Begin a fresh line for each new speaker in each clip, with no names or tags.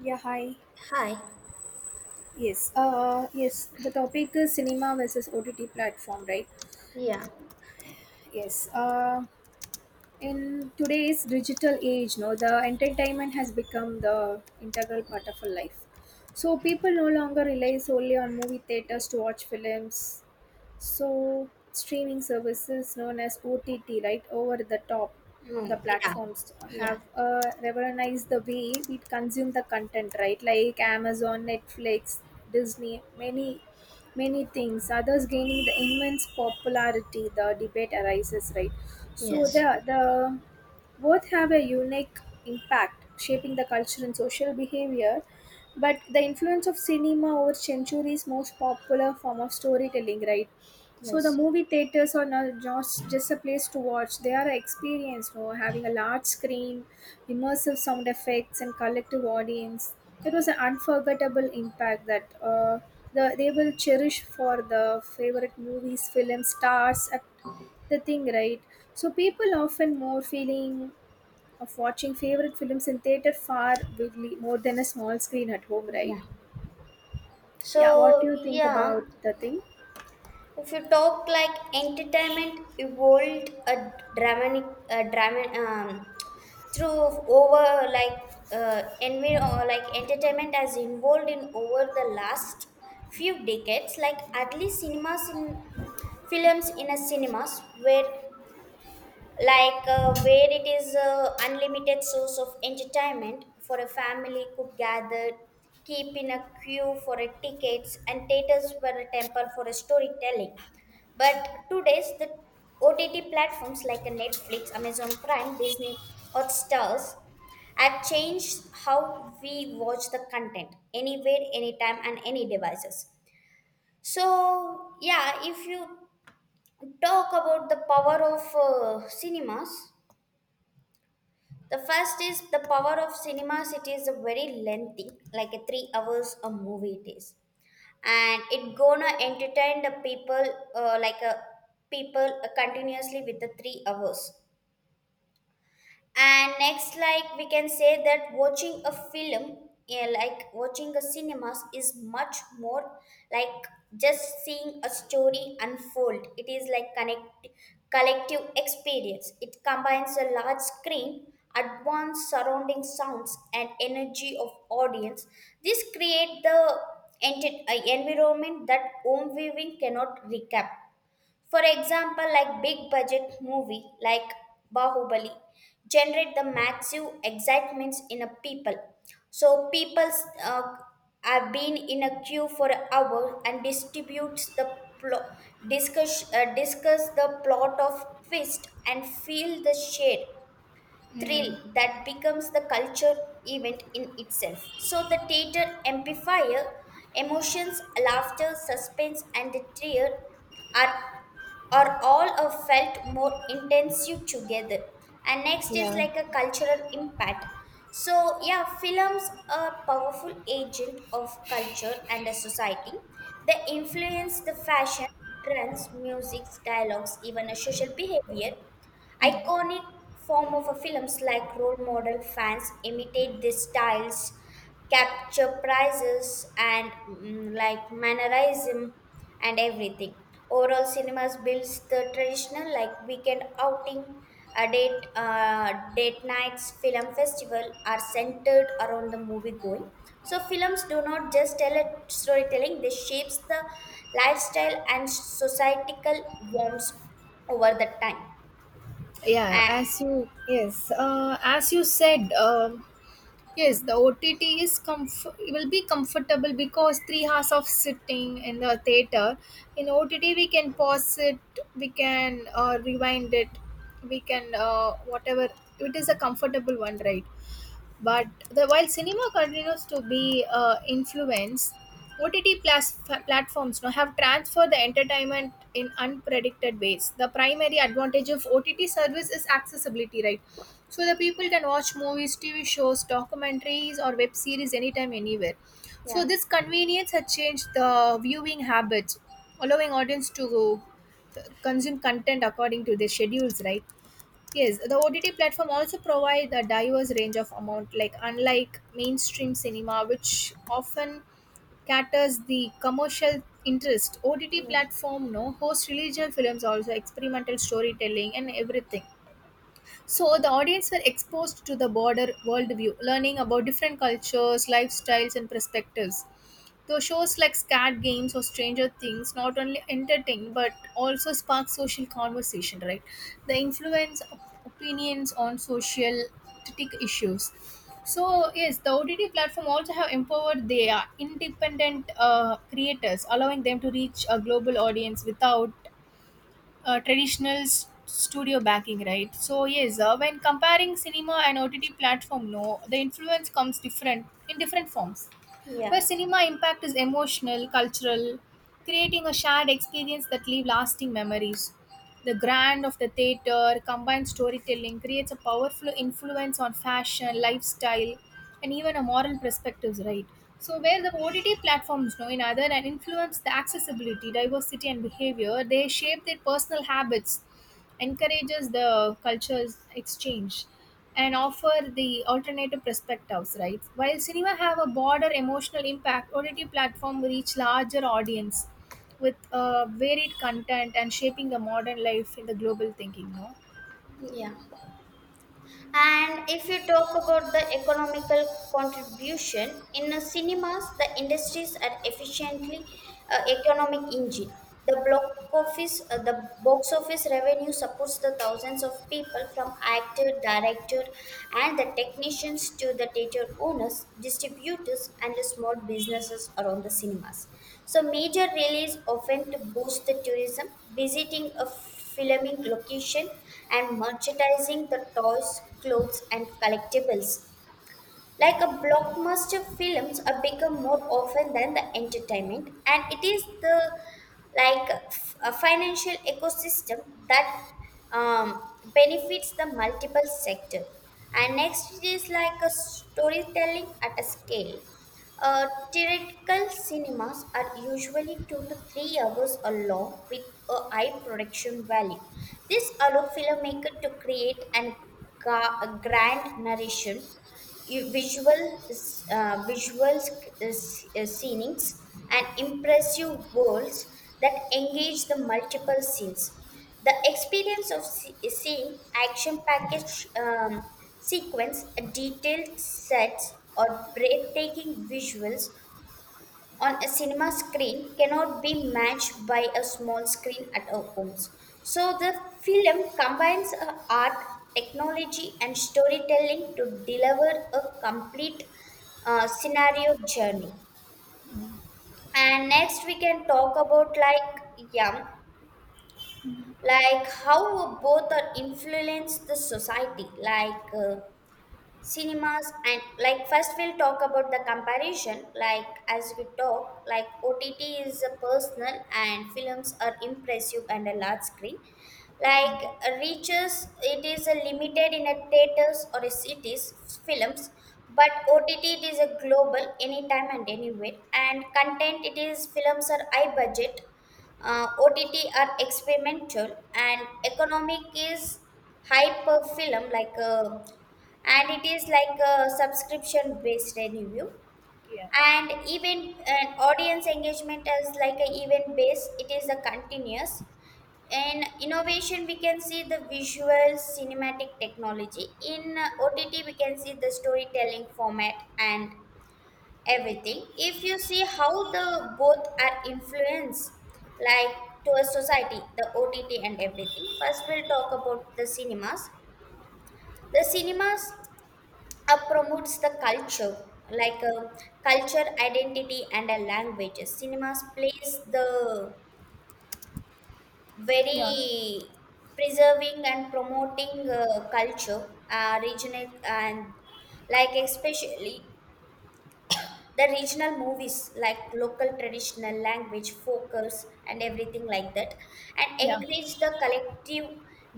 Yeah, hi.
Hi.
Yes. Yes. The topic is cinema versus OTT platform, right?
Yeah.
Yes. In today's digital age, no, the entertainment has become the integral part of our life. So people no longer rely solely on movie theaters to watch films. So streaming services known as OTT, right, over the top, the
Hi. Yeah.
platforms
Yeah.
have revolutionized the way we consume the content, right? Like Amazon, Netflix, Disney, many, many things. Others gaining the immense popularity. The debate arises, right? So
Yes.
the both have a unique impact, shaping the culture and social behavior. But the influence of cinema over centuries most popular form of storytelling, right? So the
Yes.
movie theaters are not just a place to watch. They are an experience, having a large screen, immersive sound effects, and collective audience. It was an unforgettable impact that they will cherish for the favorite movies, films, stars, the thing, right? So people often more feeling of watching favorite films in theater far bigly, more than a small screen at home, right?
Yeah.
Yeah, what do
So,
you think
yeah,
about the thing?
if you talk like entertainment evolved a dramatic, a drama, through over like or like entertainment has evolved in over the last few decades. Like at least cinemas in films in a cinemas were like where it is a unlimited source of entertainment for a family could gather keep in a queue for a tickets and theaters were a temple for a storytelling, but today's the ott platforms like a netflix, amazon prime, disney, or stars have changed how we watch the content anywhere, anytime and any devices. So yeah, if you talk about the power of cinemas, the first is the power of cinema city is a very lengthy, like a 3 hours a movie it is, and it gonna entertain the people like a people continuously with the 3 hours. And next, like we can say that watching a film, yeah, like watching a cinemas is much more, like just seeing a story unfold, it is like connect collective experience, it combines a large screen, advanced surrounding sounds and energy of audience. This create the environment that home viewing cannot recap. For example, like big budget movie like Bahubali generate the massive excitements in a people. So people uh, have been in a queue for an hour and distributes the plot, discuss discuss the plot of twist and feel the shade
Mm,
thrill that becomes the culture event in itself. So the theater amplifier, emotions, laughter, suspense, and the tear are or all are felt more intensive together. And next is
yeah.
like a cultural impact. So yeah, films are powerful agent of culture and a society. They influence the fashion trends, music, dialogues, even a social behavior.
Mm.
Iconic form of a films like role model fans imitate these styles, capture prizes and like mannerism and everything. Overall, cinemas builds the traditional like weekend outing, date nights, film festival are centered around the movie going. So films do not just tell a storytelling; they shapes the lifestyle and societal warmth over the time.
Yeah,
And
as you, yes, as you said, yes, the OTT is it will be comfortable. Because 3 hours of sitting in the theater, in OTT we can pause it, we can rewind it, we can whatever. It is a comfortable one, right? But the while cinema continues to be influenced, OTT plus platforms now have transferred the entertainment in unpredicted ways. The primary advantage of OTT service is accessibility, right? So the people can watch movies, TV shows, documentaries, or web series anytime anywhere. So
yeah.
this convenience has changed the viewing habits, allowing audience to consume content according to their schedules, right? Yes, the OTT platform also provide a diverse range of amount, like unlike mainstream cinema, which often caters the commercial interest. OTT
Yes.
platform no host religious films, also experimental storytelling and everything. So the audience were exposed to the broader worldview, learning about different cultures, lifestyles, and perspectives. Though shows like Scat Games or Stranger Things not only entertain but also spark social conversation, right? The influence of opinions on social tech issues. So yes, the OTT platform also have empowered their independent creators, allowing them to reach a global audience without traditional studio backing, right? So yes, when comparing cinema and OTT platform, no, the influence comes different in different forms, where
Yeah.
cinema impact is emotional, cultural, creating a shared experience that leave lasting memories. The grand of the theater, combined storytelling, creates a powerful influence on fashion, lifestyle, and even a moral perspectives, right? So where the OTT platforms know in other and influence the accessibility, diversity and behavior, they shape their personal habits, encourages the cultures exchange, and offer the alternative perspectives, right? While cinema have a broader emotional impact, OTT platform reach larger audience with varied content and shaping the modern life in the global thinking, no.
Yeah. And if you talk about the economical contribution in the cinemas, the industries are efficiently economic engine. The block the box office revenue supports the thousands of people from actor, director, and the technicians to the theater owners, distributors, and the small businesses around the cinemas. So major release often to boost the tourism, visiting a filming location and merchandising the toys, clothes and collectibles, like a blockbuster films are become more often than the entertainment, and it is the like a financial ecosystem that um, benefits the multiple sector. And next it is like a storytelling at a scale. Uh, Theatrical cinemas are usually 2 to 3 hours long with a high production value. This allows filmmaker to create an grand narration, you- visual visual scenes and impressive worlds that engage the multiple scenes. The experience of seeing action package sequence, detailed sets, or breathtaking visuals on a cinema screen cannot be matched by a small screen at our homes. So the film combines art, technology, and storytelling to deliver a complete scenario journey. And next we can talk about, like, yeah, like how both are influence the society, like. Cinemas and, like, first we'll talk about the comparison, like as we talk, like OTT is a personal and films are impressive and a large screen, like reaches, it is a limited in a theaters or a cities, films. But OTT, it is a global, anytime and anywhere, and content, it is films are high budget, OTT are experimental, and economic is hyper film, like a, and it is like a subscription based review,
Yeah.
and even an audience engagement is like an event based, it is a continuous in innovation. We can see the visual cinematic technology, in OTT we can see the storytelling format and everything. If you see how the both are influenced, like to a society, the OTT and everything, first we'll talk about the cinemas. The cinemas promotes the culture, like culture identity and a language. Cinemas plays the
Yeah.
very preserving and promoting culture, regional and, like, especially the regional movies, like local traditional language focus and everything like that, and
Yeah.
encourage the collective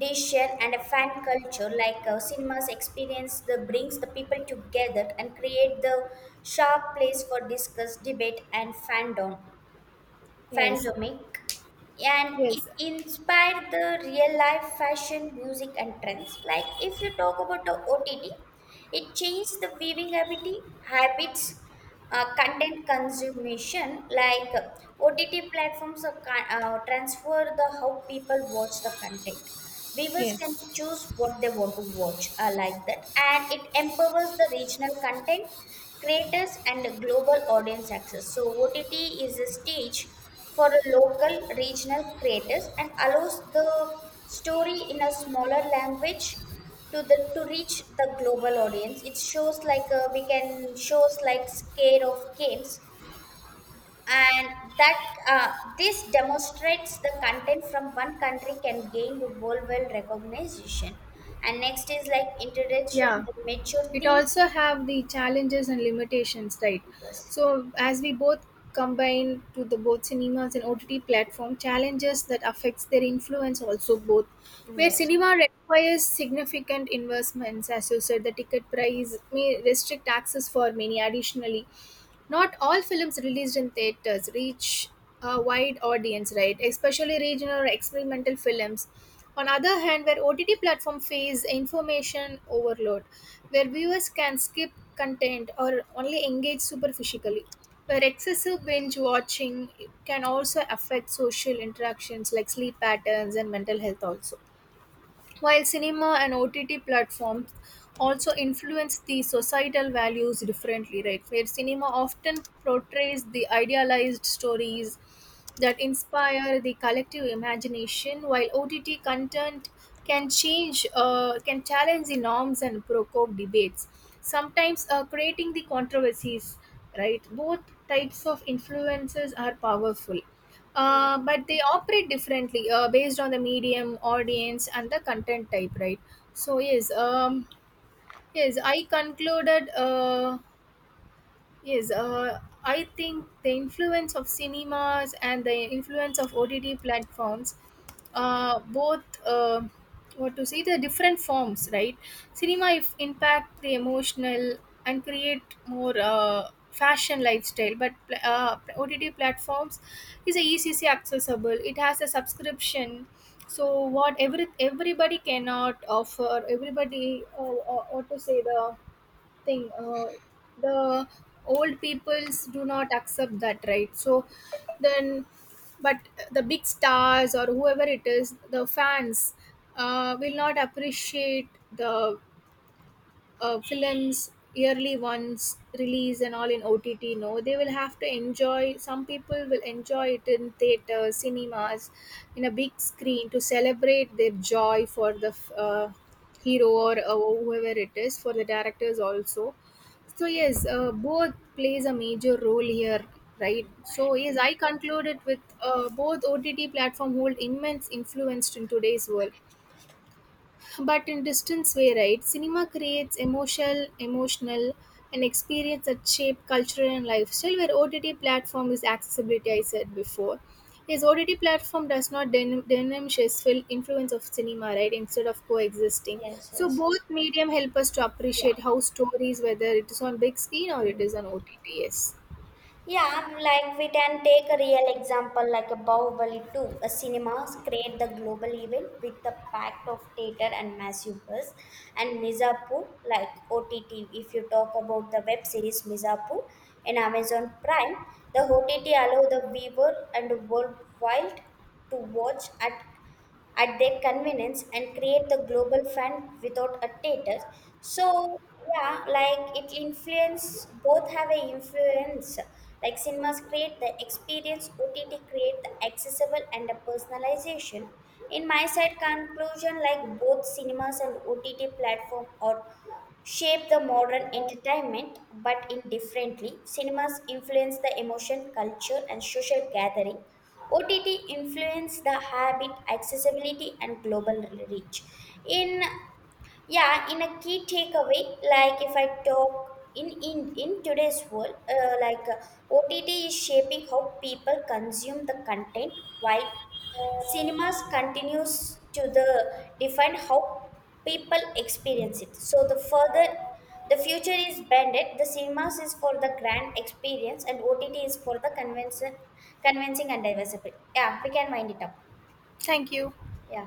decision and a fan culture, like cinemas experience that brings the people together and create the sharp place for discuss, debate and fandom.
Yes.
Fandomic, and it
Yes.
inspired the real life fashion, music, and trends. Like if you talk about the OTT, it changed the viewing habits, content consumption. Like OTT platforms are, transfer the how people watch the content. Viewers can
Yes.
choose what they want to watch, like that, and it empowers the regional content creators and global audience access. So OTT is a stage for a local regional creators and allows the story in a smaller language to the to reach the global audience. It shows like we can shows like scale of games, and that uh, this demonstrates the content from one country can gain the worldwide recognition. And next is like introduction
Yeah,
the mature
it
themes.
also have the challenges and limitations, right?
Yes,
So as we both combine to the both cinemas and OTT platform challenges that affects their influence also, both, where
yes,
cinema requires significant investments, as you said, the ticket price may restrict access for many. Additionally, not all films released in theaters reach a wide audience, right? Especially regional or experimental films. On other hand, where OTT platform face information overload, where viewers can skip content or only engage superficially, where excessive binge watching can also affect social interactions like sleep patterns and mental health also. While cinema and OTT platforms also influence the societal values differently, right? Where cinema often portrays the idealized stories that inspire the collective imagination, while OTT content can change, can challenge the norms and provoke debates, sometimes creating the controversies, right? Both types of influences are powerful,
yeah.
but they operate differently, based on the medium, audience, and the content type, right? So yes, yes, I concluded. Yes, I think the influence of cinemas and the influence of OTT platforms, both, what to say, the different forms, right? Cinema if impact the emotional and create more fashion lifestyle, but OTT platforms is a easily accessible. It has a subscription, so what everybody cannot offer. Everybody, what to say the thing, the old peoples do not accept that, right? So then, but the big stars or whoever it is, the fans will not appreciate the films yearly ones release and all in OTT, no, they will have to enjoy. Some people will enjoy it in theaters, cinemas, in a big screen to celebrate their joy for the hero or whoever it is, for the directors also. So yes, both plays a major role here, right? So yes, I conclude it with both OTT platform hold immense influence in today's world, but in distance way, right? Cinema creates emotional, and experience that shape culture and lifestyle. Where OTT platform is accessibility, I said before. His OTT platform does not diminish his full influence of cinema, right? Instead of coexisting,
Yes,
so
yes,
both medium help us to
yeah.
appreciate how stories, whether it is on big screen or it
Mm.
is on OTT. Yes.
Yeah, like we can take a real example like a Bahubali 2. A cinemas create the global event with the pact of theater and massive buzz. And Mizapu, like OTT, if you talk about the web series Mizapu in Amazon Prime, the OTT allow the viewer and worldwide to watch at their convenience and create the global fund without a status. So yeah, like it influence, both have a influence. Like cinemas create the experience, OTT create the accessible and the personalization. In my side conclusion, like both cinemas and OTT platform are shape the modern entertainment, but indifferently. Cinemas influence the emotion, culture, and social gathering. OTT influence the habit, accessibility, and global reach. In Yeah, in a key takeaway, like if I talk in today's world, like OTT is shaping how people consume the content, while cinemas continues to the define how people experience it. So the further, the future is banded, the cinemas is for the grand experience and OTT is for the convention, convincing and diversity. Yeah, we can wind it up.
Thank you.
Yeah.